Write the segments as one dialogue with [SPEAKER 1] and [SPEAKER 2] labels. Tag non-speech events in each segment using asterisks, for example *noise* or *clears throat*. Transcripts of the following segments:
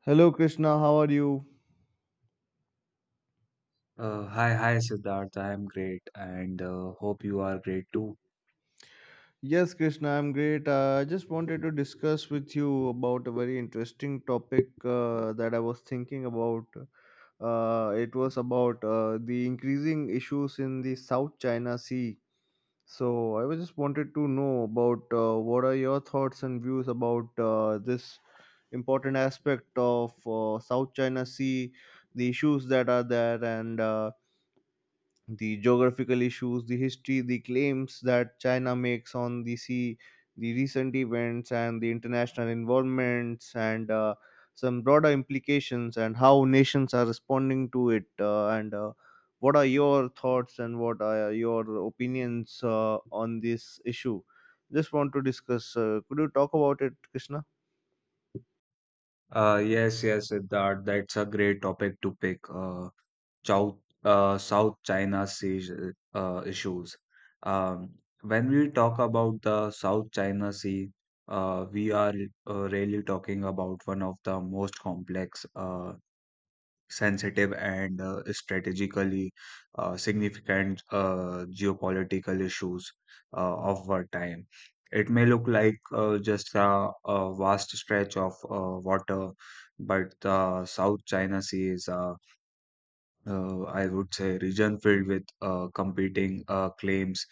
[SPEAKER 1] Hello, Krishna. How are you?
[SPEAKER 2] Hi, hi, Siddharth. I am great and hope you are great too.
[SPEAKER 1] Yes, Krishna, I'm great. I just wanted to discuss with you about a very interesting topic that I was thinking about. It was about the increasing issues in the South China Sea. So I was just wanted to know about what are your thoughts and views about this important aspect of South China Sea, the issues that are there, and the geographical issues, the history, the claims that China makes on the sea, the recent events, and the international involvements, and some broader implications, and how nations are responding to it. And what are your thoughts and what are your opinions on this issue? Just want to discuss. Could you talk about it, Krishna?
[SPEAKER 2] Yes, yes, Siddharth. That's a great topic to pick. South China Sea issues. Um, when we talk about the South China Sea, we are really talking about one of the most complex, sensitive, and strategically significant geopolitical issues of our time. It may look like just a vast stretch of water, but the South China Sea is a, I would say, region filled with competing claims,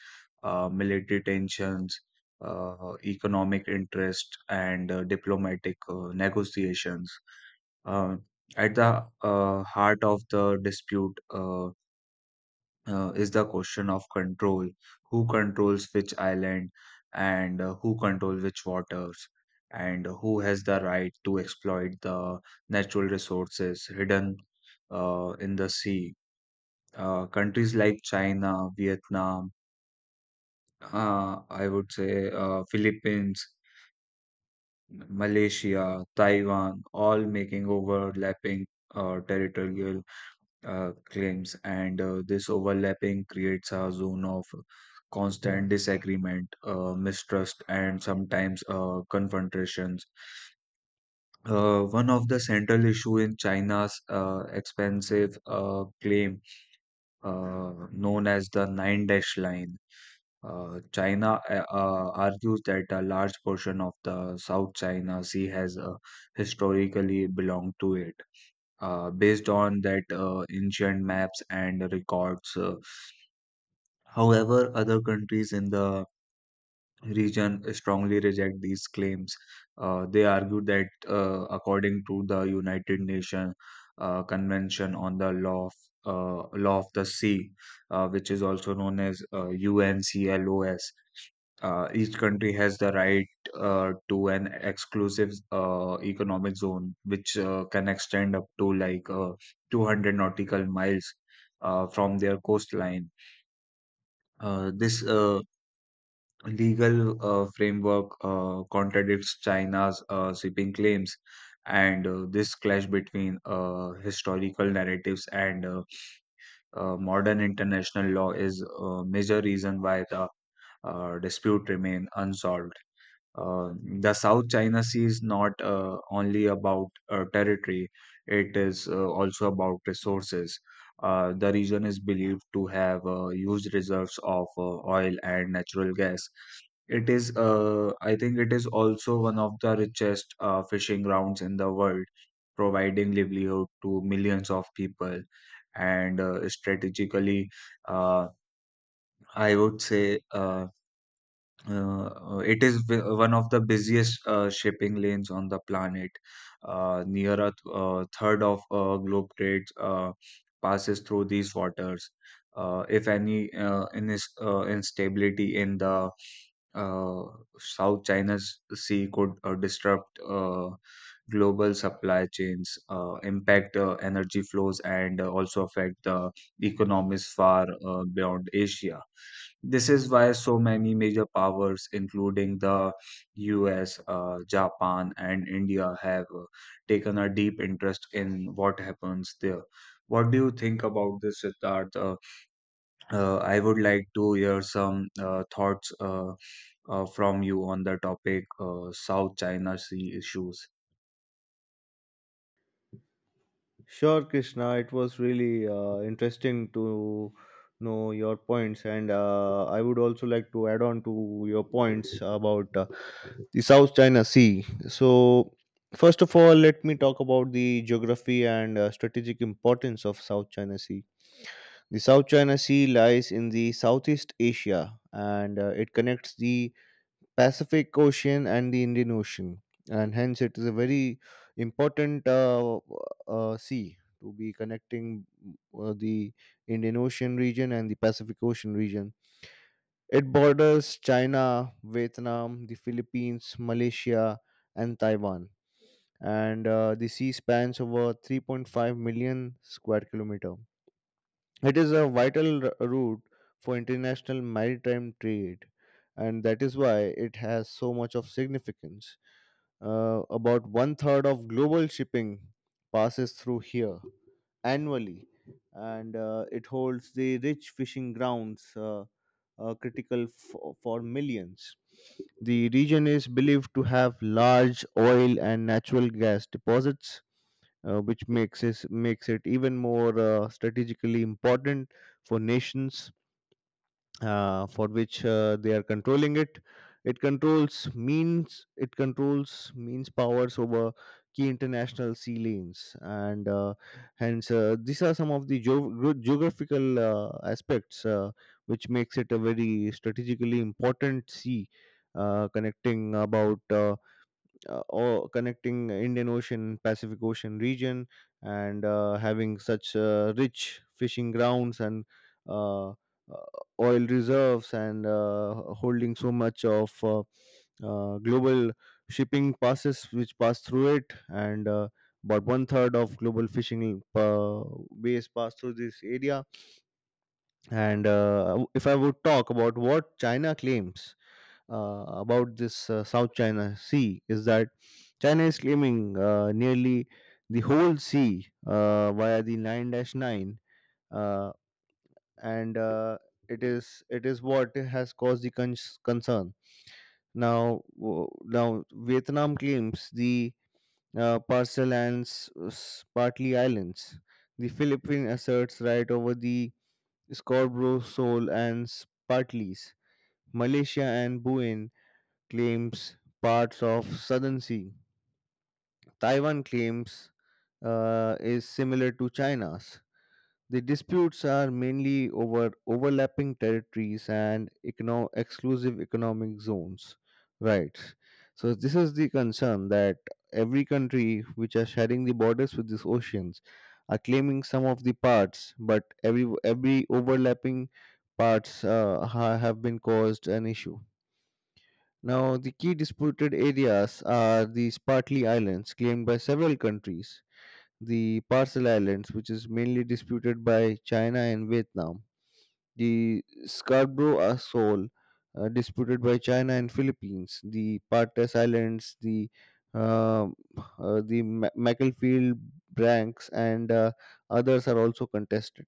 [SPEAKER 2] military tensions, economic interest, and diplomatic negotiations. Uh, at the heart of the dispute is the question of control. Who controls which island and who controls which waters? And who has the right to exploit the natural resources hidden in the sea? Countries like China, Vietnam, I would say, Philippines, Malaysia, Taiwan, all making overlapping territorial claims, and this overlapping creates a zone of constant disagreement, mistrust, and sometimes confrontations. One of the central issue in China's expansive claim, known as the Nine Dash Line. China argues that a large portion of the South China Sea has historically belonged to it, based on that ancient maps and records. However other countries in the region strongly reject these claims. They argue that, according to the United Nations Convention on the Law of the Sea, which is also known as UNCLOS, each country has the right to an exclusive economic zone, which can extend up to like 200 nautical miles from their coastline. This legal framework contradicts China's shipping claims, and this clash between historical narratives and modern international law is a major reason why the dispute remain unsolved. The South China Sea is not only about territory, it is also about resources. The region is believed to have huge reserves of oil and natural gas. It is, I think, it is also one of the richest fishing grounds in the world, providing livelihood to millions of people. And strategically, uh, I would say, it is wi- one of the busiest shipping lanes on the planet. Near a third of globe trade passes through these waters. If any in instability in the uh, South China Sea could disrupt global supply chains, impact energy flows, and also affect the economies far beyond Asia. This is why so many major powers, including the US, Japan, and India, have taken a deep interest in what happens there. What do you think about this, Siddharth? I would like to hear some thoughts from you on the topic South China Sea issues.
[SPEAKER 1] Sure, Krishna. It was really interesting to know your points, and I would also like to add on to your points about the South China Sea. So, first of all, let me talk about the geography and strategic importance of South China Sea. The South China Sea lies in the Southeast Asia, and it connects the Pacific Ocean and the Indian Ocean, and hence it is a very important sea to be connecting the Indian Ocean region and the Pacific Ocean region. It borders China, Vietnam, the Philippines, Malaysia, and Taiwan, and the sea spans over 3.5 million square kilometer. It is a vital route for international maritime trade, and that is why it has so much of significance. About one third of global shipping passes through here annually, and it holds the rich fishing grounds critical for millions. The region is believed to have large oil and natural gas deposits, which makes it even more strategically important for nations for which they are controlling it it controls means powers over key international sea lanes and hence these are some of the geographical aspects which makes it a very strategically important sea connecting about or connecting Indian Ocean, Pacific Ocean region, and having such rich fishing grounds and uh, uh, oil reserves, and holding so much of global shipping passes which pass through it, and about one third of global fishing base pass through this area. And if I would talk about what China claims about this South China Sea is that China is claiming nearly the whole sea via the 9-9 Dash nine, uh, and it is what has caused the concern now now Vietnam claims the parcel and partly islands. The Philippines asserts right over the Scarborough Shoal and Partleys. Malaysia and Buin claims parts of Southern Sea. Taiwan claims is similar to China's. The disputes are mainly over overlapping territories and exclusive economic zones. Right. So this is the concern that every country which are sharing the borders with these oceans are claiming some of the parts, but every overlapping parts have been caused an issue. Now, the key disputed areas are the Spratly Islands, claimed by several countries, the Parcel Islands, which is mainly disputed by China and Vietnam, the Scarborough Atoll, disputed by China and Philippines, the Partas Islands, uh, the Macclesfield Branks, and others are also contested.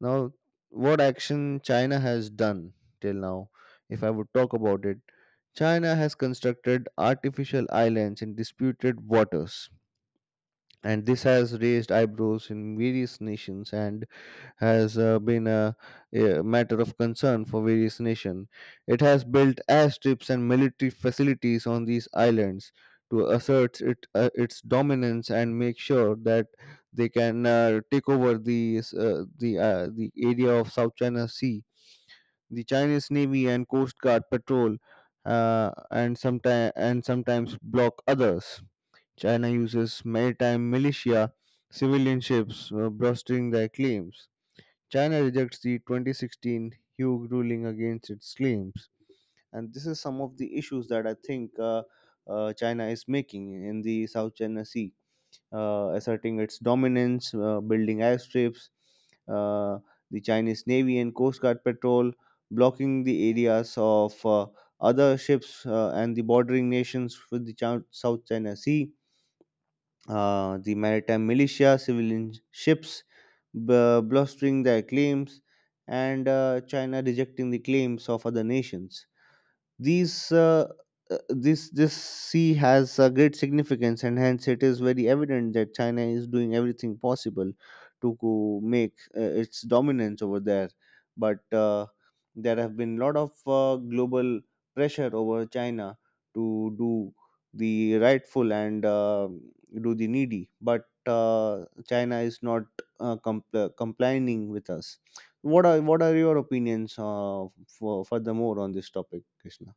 [SPEAKER 1] Now, what action China has done till now, if I would talk about it, China has constructed artificial islands in disputed waters, and this has raised eyebrows in various nations and has been a matter of concern for various nations. It has built airstrips and military facilities on these islands to assert its dominance and make sure that they can take over the area of South China Sea. The Chinese Navy and Coast Guard patrol , and sometimes block others. China uses maritime militia, civilian ships, bolstering their claims. China rejects the 2016 Hague ruling against its claims. And this is some of the issues that I think China is making in the South China Sea asserting its dominance, building airstrips, uh, the Chinese Navy and Coast Guard patrol, blocking the areas of other ships and the bordering nations with the South China Sea. The maritime militia, civilian ships, blustering their claims, and China rejecting the claims of other nations. These this this sea has a great significance, and hence it is very evident that China is doing everything possible to make its dominance over there. But there have been a lot of global pressure over China to do the rightful and do the needy. But China is not complying with us. What are your opinions for furthermore on this topic, Krishna?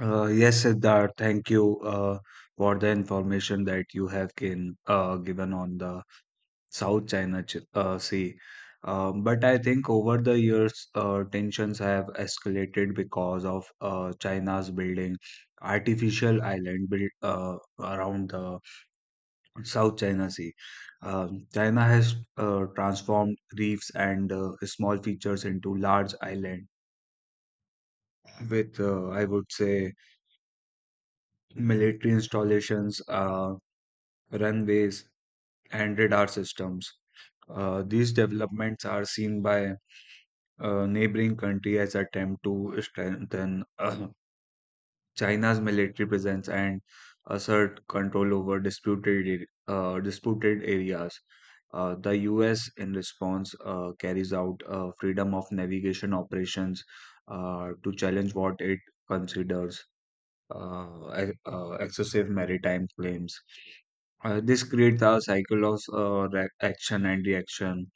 [SPEAKER 2] Yes, Siddharth, thank you for the information that you have given on the Sea. But I think over the years, tensions have escalated because of China's building artificial island built around the South China Sea. China has transformed reefs and small features into large island with, I would say, military installations, runways, and radar systems. These developments are seen by neighboring country as attempt to strengthen *clears throat* China's military presence and assert control over disputed areas. The U.S. in response carries out freedom of navigation operations to challenge what it considers excessive maritime claims. This creates a cycle of action and reaction,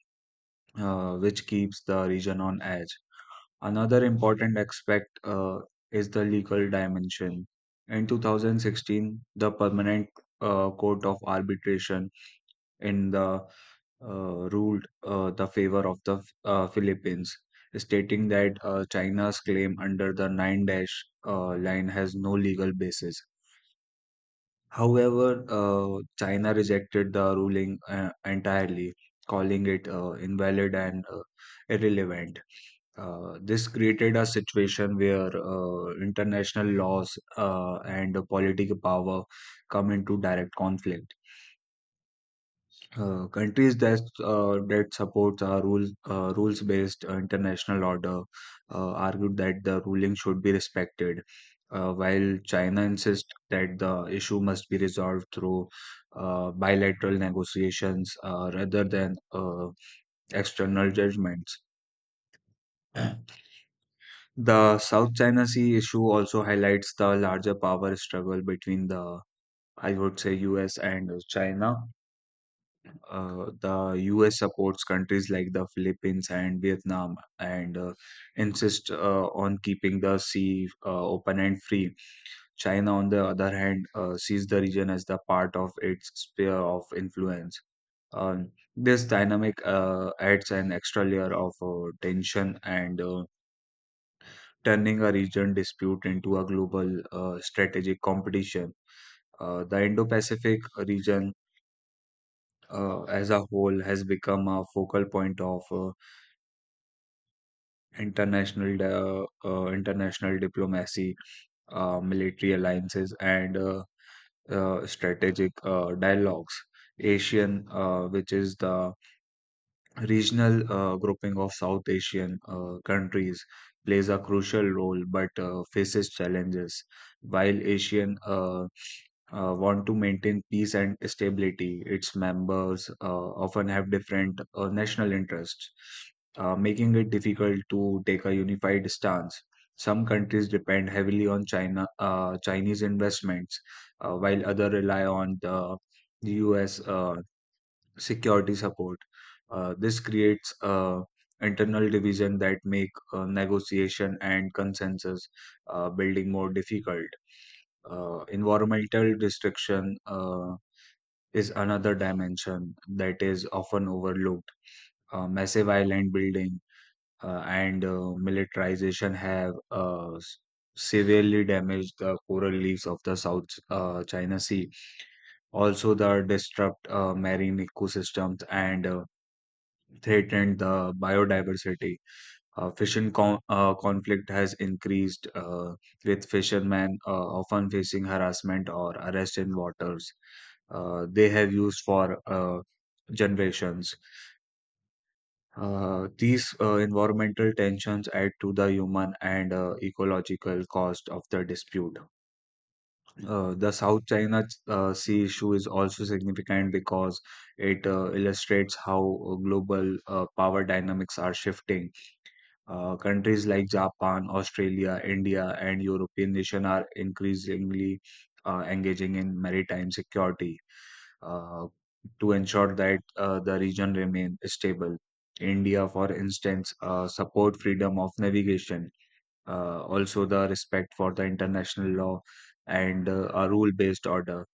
[SPEAKER 2] which keeps the region on edge. Another important aspect is the legal dimension. In 2016, the Permanent Court of Arbitration in the ruled the favor of the Philippines, stating that China's claim under the 9 dash line has no legal basis. However, China rejected the ruling entirely, calling it invalid and irrelevant. This created a situation where international laws and political power come into direct conflict. Countries that supports our rules-based international order argued that the ruling should be respected, while China insists that the issue must be resolved through bilateral negotiations rather than external judgments. *clears throat* The South China Sea issue also highlights the larger power struggle between the, I would say, US and China. The US supports countries like the Philippines and Vietnam and insists on keeping the sea open and free. China, on the other hand, sees the region as the part of its sphere of influence. Um, this dynamic adds an extra layer of tension and turning a region dispute into a global strategic competition. The Indo Pacific region as a whole has become a focal point of international international diplomacy, military alliances, and strategic dialogues. ASEAN, which is the regional grouping of South Asian countries plays a crucial role but faces challenges. While Asian want to maintain peace and stability, its members often have different national interests, making it difficult to take a unified stance. Some countries depend heavily on China, Chinese investments, while others rely on the U.S security support. This creates internal division that make negotiation and consensus building more difficult. Environmental destruction is another dimension that is often overlooked. Massive island building and militarization have severely damaged the coral reefs of the South China Sea. Also, the disrupt marine ecosystems and threatened the biodiversity. Fishing conflict has increased, with fishermen often facing harassment or arrest in waters they have used for generations. These environmental tensions add to the human and ecological cost of the dispute. The South China Sea issue is also significant because it illustrates how global power dynamics are shifting. Countries like Japan, Australia, India, and European nations are increasingly engaging in maritime security uh, to ensure that the region remains stable. India, for instance, support freedom of navigation, also the respect for the international law and a rule-based order.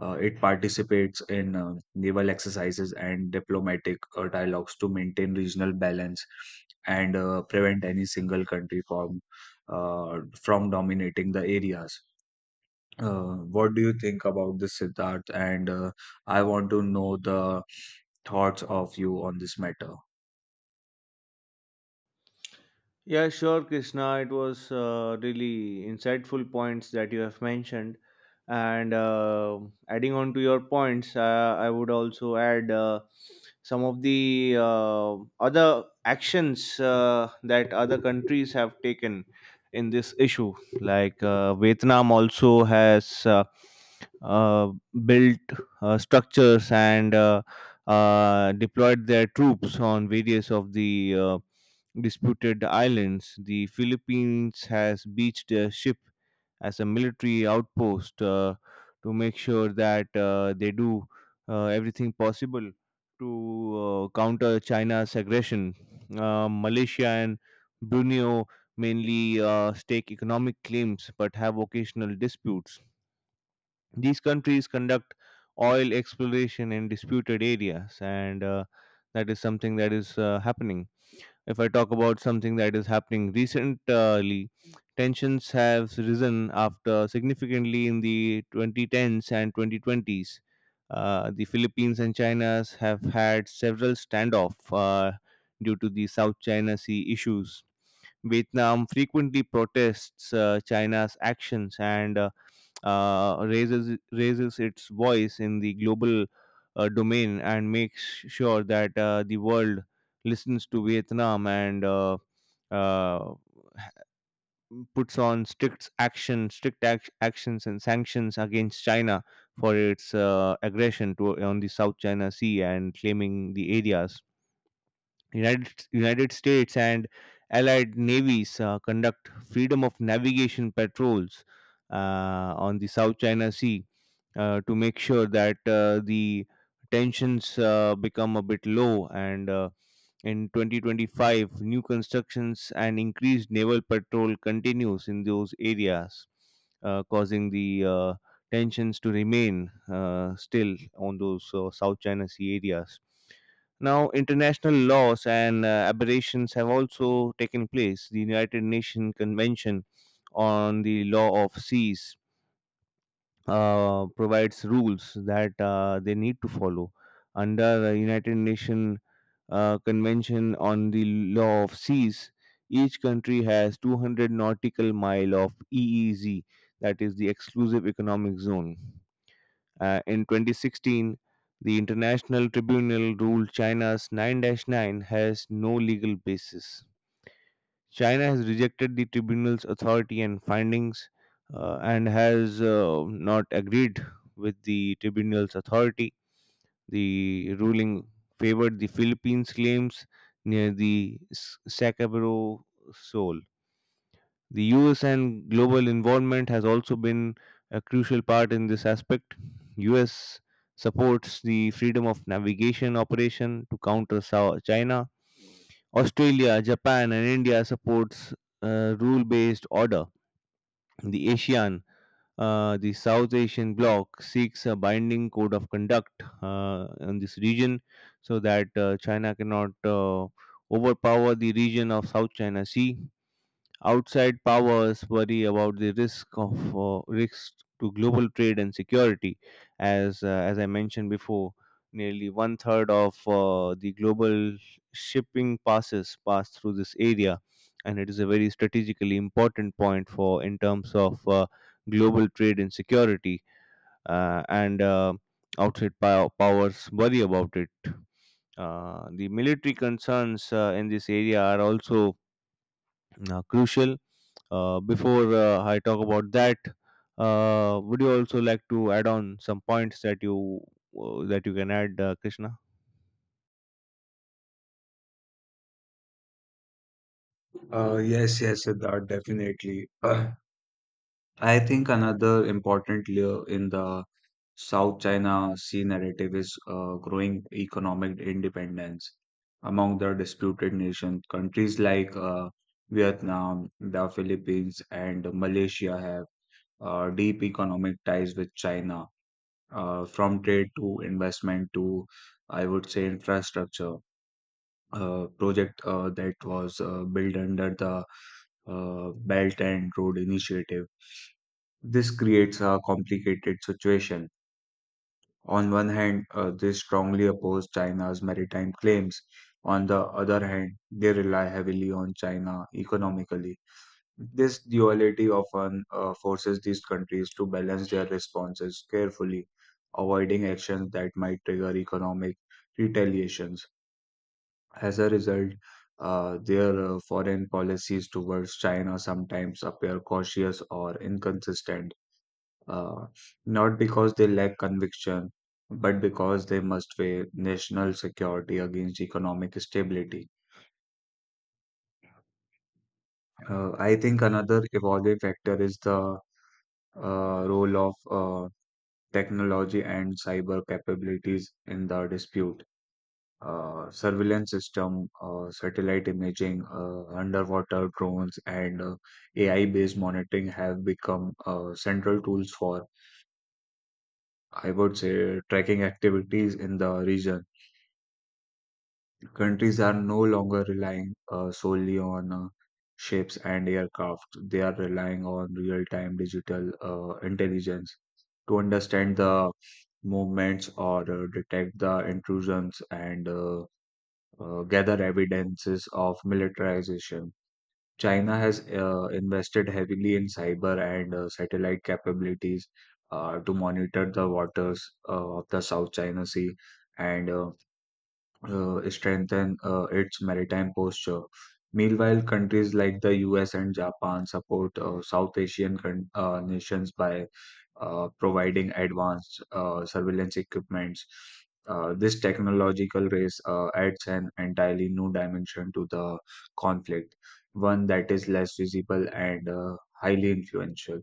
[SPEAKER 2] It participates in naval exercises and diplomatic dialogues to maintain regional balance and prevent any single country from dominating the areas. What do you think about this, Siddharth? And I want to know the thoughts of you on this matter.
[SPEAKER 1] Yeah, sure, Krishna. It was really insightful points that you have mentioned. And adding on to your points, I would also add some of the other actions that other countries have taken in this issue. Like Vietnam also has uh, built structures and deployed their troops on various of the disputed islands. The Philippines has beached a ship as a military outpost to make sure that they do everything possible to counter China's aggression. Malaysia and Brunei mainly stake economic claims but have occasional disputes. These countries conduct oil exploration in disputed areas, and that is something that is happening. If I talk about something that is happening recently, tensions have risen after significantly in the 2010s and 2020s. The Philippines and China have had several standoffs due to the South China Sea issues. Vietnam frequently protests China's actions and , raises its voice in the global domain and makes sure that the world listens to Vietnam and uh, puts on strict actions and sanctions against China for its aggression on the South China Sea and claiming the areas. United States and allied navies conduct freedom of navigation patrols on the South China Sea to make sure that the tensions become a bit low, and in 2025, new constructions and increased naval patrol continues in those areas, causing the tensions to remain still on those South China Sea areas. Now, international laws and aberrations have also taken place. The United Nations Convention on the Law of Seas provides rules that they need to follow. Under the United Nations Convention on the Law of Seas, each country has 200 nautical mile of EEZ, that is the Exclusive Economic Zone. In 2016, the International Tribunal ruled China's 9-9 has no legal basis. China has rejected the tribunal's authority and findings and has not agreed with the tribunal's authority. The ruling favored the Philippines' claims near the Sacagawea Shoal. The US and global involvement has also been a crucial part in this aspect. US supports the freedom of navigation operation to counter China. Australia, Japan and India supports rule-based order. The ASEAN, the South Asian bloc, seeks a binding code of conduct in this region so that China cannot overpower the region of South China Sea. Outside powers worry about the risks to global trade and security. As I mentioned before, nearly one third of the global shipping pass through this area, and it is a very strategically important point for in terms of global trade and security. And outside powers worry about it. The military concerns in this area are also crucial. Before I talk about that, would you also like to add on some points that you can add, Krishna?
[SPEAKER 2] Yes, yes, Siddharth, definitely. *clears throat* I think another important layer in the South China Sea narrative is growing economic independence among the disputed nations. Countries like Vietnam, the Philippines, and Malaysia have deep economic ties with China, from trade to investment to, I would say, infrastructure. Project that was built under the Belt and Road Initiative. This creates a complicated situation. On one hand, they strongly oppose China's maritime claims. On the other hand, they rely heavily on China economically. This duality often forces these countries to balance their responses carefully, avoiding actions that might trigger economic retaliations. As a result, their foreign policies towards China sometimes appear cautious or inconsistent, uh, not because they lack conviction, but because they must weigh national security against economic stability. I think another evolving factor is the role of technology and cyber capabilities in the dispute. Surveillance system, satellite imaging, underwater drones, and AI-based monitoring have become central tools for, I would say, tracking activities in the region. Countries are no longer relying solely on ships and aircraft. They are relying on real time digital intelligence to understand the movements or detect the intrusions and gather evidences of militarization. China has invested heavily in cyber and satellite capabilities to monitor the waters of the South China Sea and strengthen its maritime posture. Meanwhile, countries like the US and Japan support South Asian nations by providing advanced surveillance equipments. This technological race adds an entirely new dimension to the conflict, one that is less visible and highly influential.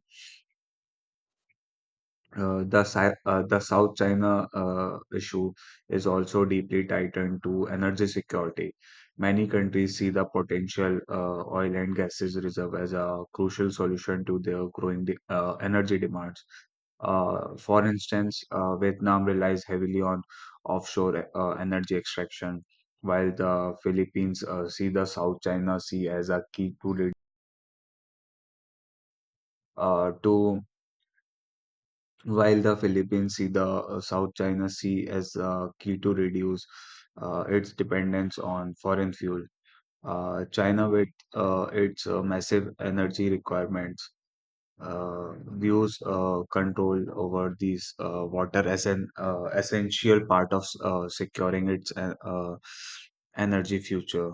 [SPEAKER 2] The South China issue is also deeply tied into energy security. Many countries see the potential oil and gases reserve as a crucial solution to their growing energy demands. For instance, Vietnam relies heavily on offshore energy extraction, while the Philippines see the South China Sea as a key to, to while the Philippines see the South China Sea as key to reduce its dependence on foreign fuel. China, with its massive energy requirements, uh, views control over these water as an essential part of securing its energy future.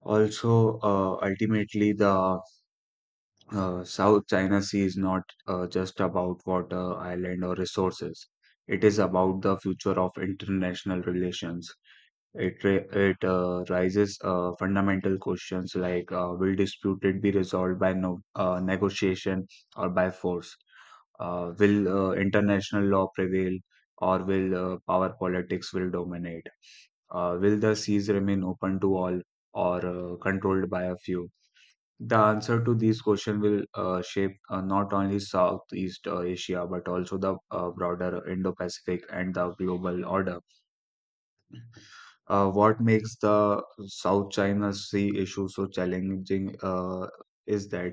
[SPEAKER 2] Also, ultimately, the South China Sea is not just about water, island, or resources. It is about the future of international relations. It ra- it raises fundamental questions like, will disputed be resolved by no negotiation or by force? Will international law prevail, or will power politics will dominate? Will the seas remain open to all or controlled by a few? The answer to these questions will shape not only Southeast Asia but also the broader Indo Pacific and the global order. What makes the South China Sea issue so challenging is that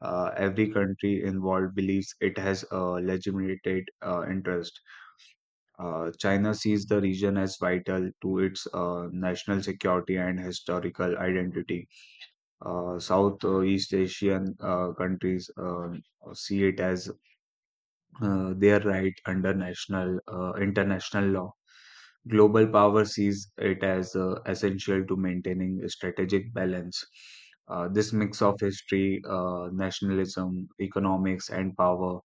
[SPEAKER 2] every country involved believes it has a legitimate interest. China sees the region as vital to its national security and historical identity. South East Asian countries see it as their right under national international law. Global power sees it as essential to maintaining a strategic balance. This mix of history, nationalism, economics, and power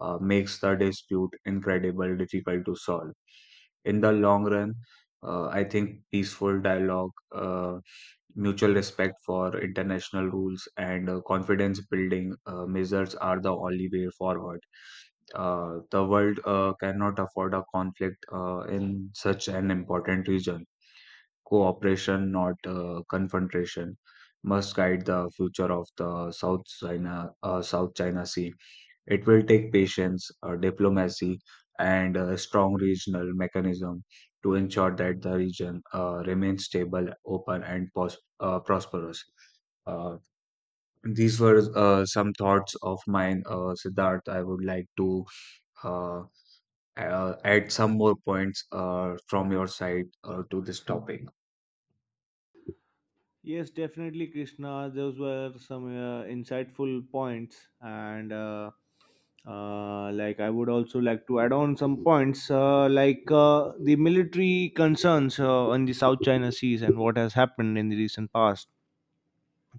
[SPEAKER 2] makes the dispute incredibly difficult to solve in the long run. I think peaceful dialogue, mutual respect for international rules, and confidence building measures are the only way forward. The world cannot afford a conflict in such an important region. Cooperation, not confrontation, must guide the future of the South China Sea. It will take patience, diplomacy, and a strong regional mechanism to ensure that the region remains stable, open, and prosperous. Uh, these were some thoughts of mine, Siddharth. I would like to uh, add some more points from your side to this topic.
[SPEAKER 1] Yes, definitely, Krishna. Those were some insightful points, and like I would also like to add on some points, like the military concerns on the South China Seas and what has happened in the recent past.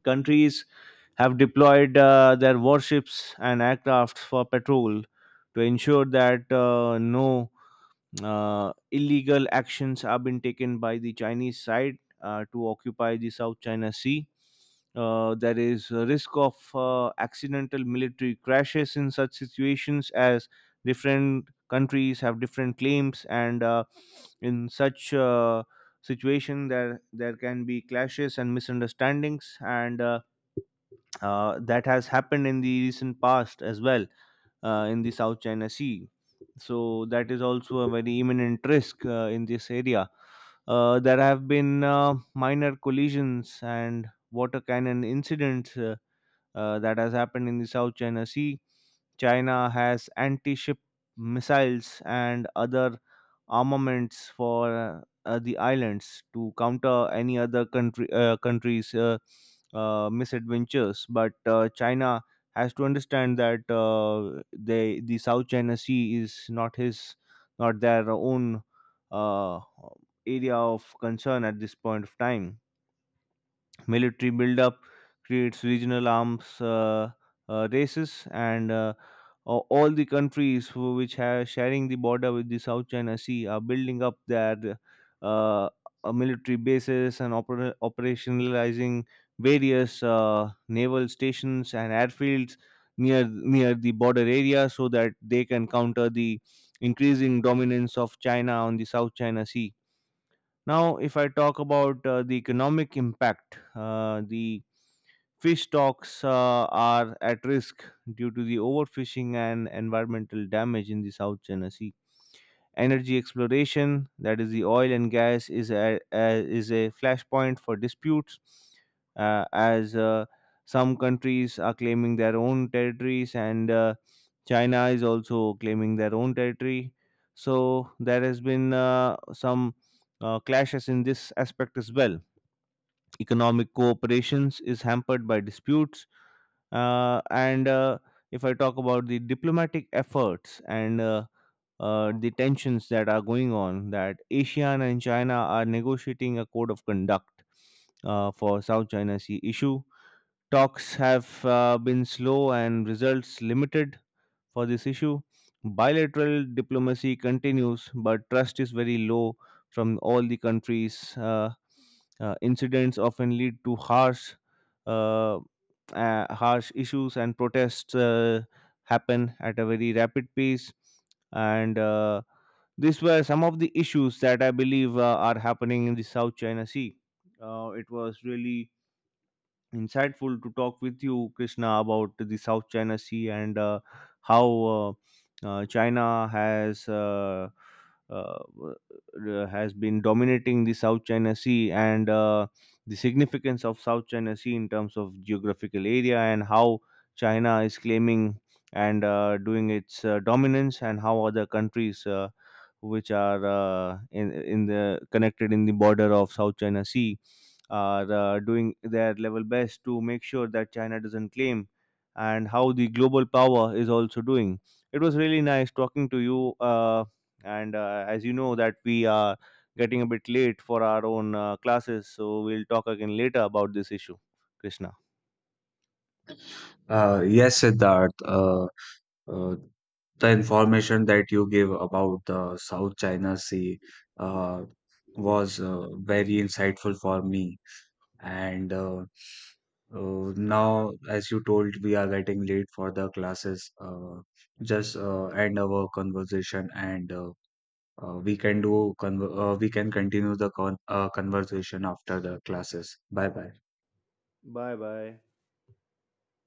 [SPEAKER 1] Countries have deployed their warships and aircrafts for patrol to ensure that no illegal actions have been taken by the Chinese side to occupy the South China Sea. There is a risk of accidental military crashes in such situations as different countries have different claims and in such situation there can be clashes and misunderstandings, and that has happened in the recent past as well in the South China Sea. So that is also a very imminent risk in this area. There have been minor collisions and water cannon incidents that has happened in the South China Sea. China has anti ship missiles and other armaments for the islands to counter any other country countries misadventures, but china has to understand that the south china sea is not their own uh, area of concern at this point of time. Military buildup creates regional arms races, and all the countries which are sharing the border with the South China Sea are building up their uh, military bases and operationalizing various naval stations and airfields near near the border area so that they can counter the increasing dominance of China on the South China Sea. Now, if I talk about the economic impact, the fish stocks are at risk due to the overfishing and environmental damage in the South China Sea. Energy exploration, that is the oil and gas, is is a flashpoint for disputes, as some countries are claiming their own territories and China is also claiming their own territory. So there has been some clashes in this aspect as well. Economic cooperations is hampered by disputes, and if I talk about the diplomatic efforts and the tensions that are going on that ASEAN and China are negotiating a code of conduct for South China Sea issue. Talks have been slow and results limited for this issue. Bilateral diplomacy continues, but trust is very low from all the countries. Incidents often lead to uh, harsh issues, and protests happen at a very rapid pace. And these were some of the issues that I believe are happening in the South China Sea. It was really insightful to talk with you, Krishna, about the South China Sea and how uh, China uh, has been dominating the South China Sea and the significance of South China Sea in terms of geographical area and how China is claiming and doing its dominance and how other countries which are in the connected in the border of South China Sea are doing their level best to make sure that China doesn't claim, and how the global power is also doing. It was really nice talking to you, and as you know that we are getting a bit late for our own classes, so we'll talk again later about this issue, Krishna.
[SPEAKER 2] Yes, Siddharth. Uh, the information that you gave about the South China Sea uh, was very insightful for me. And now, as you told, we are getting late for the classes. Just end our conversation, and we can do conver we can continue the conversation after the classes. Bye bye.
[SPEAKER 1] Bye bye.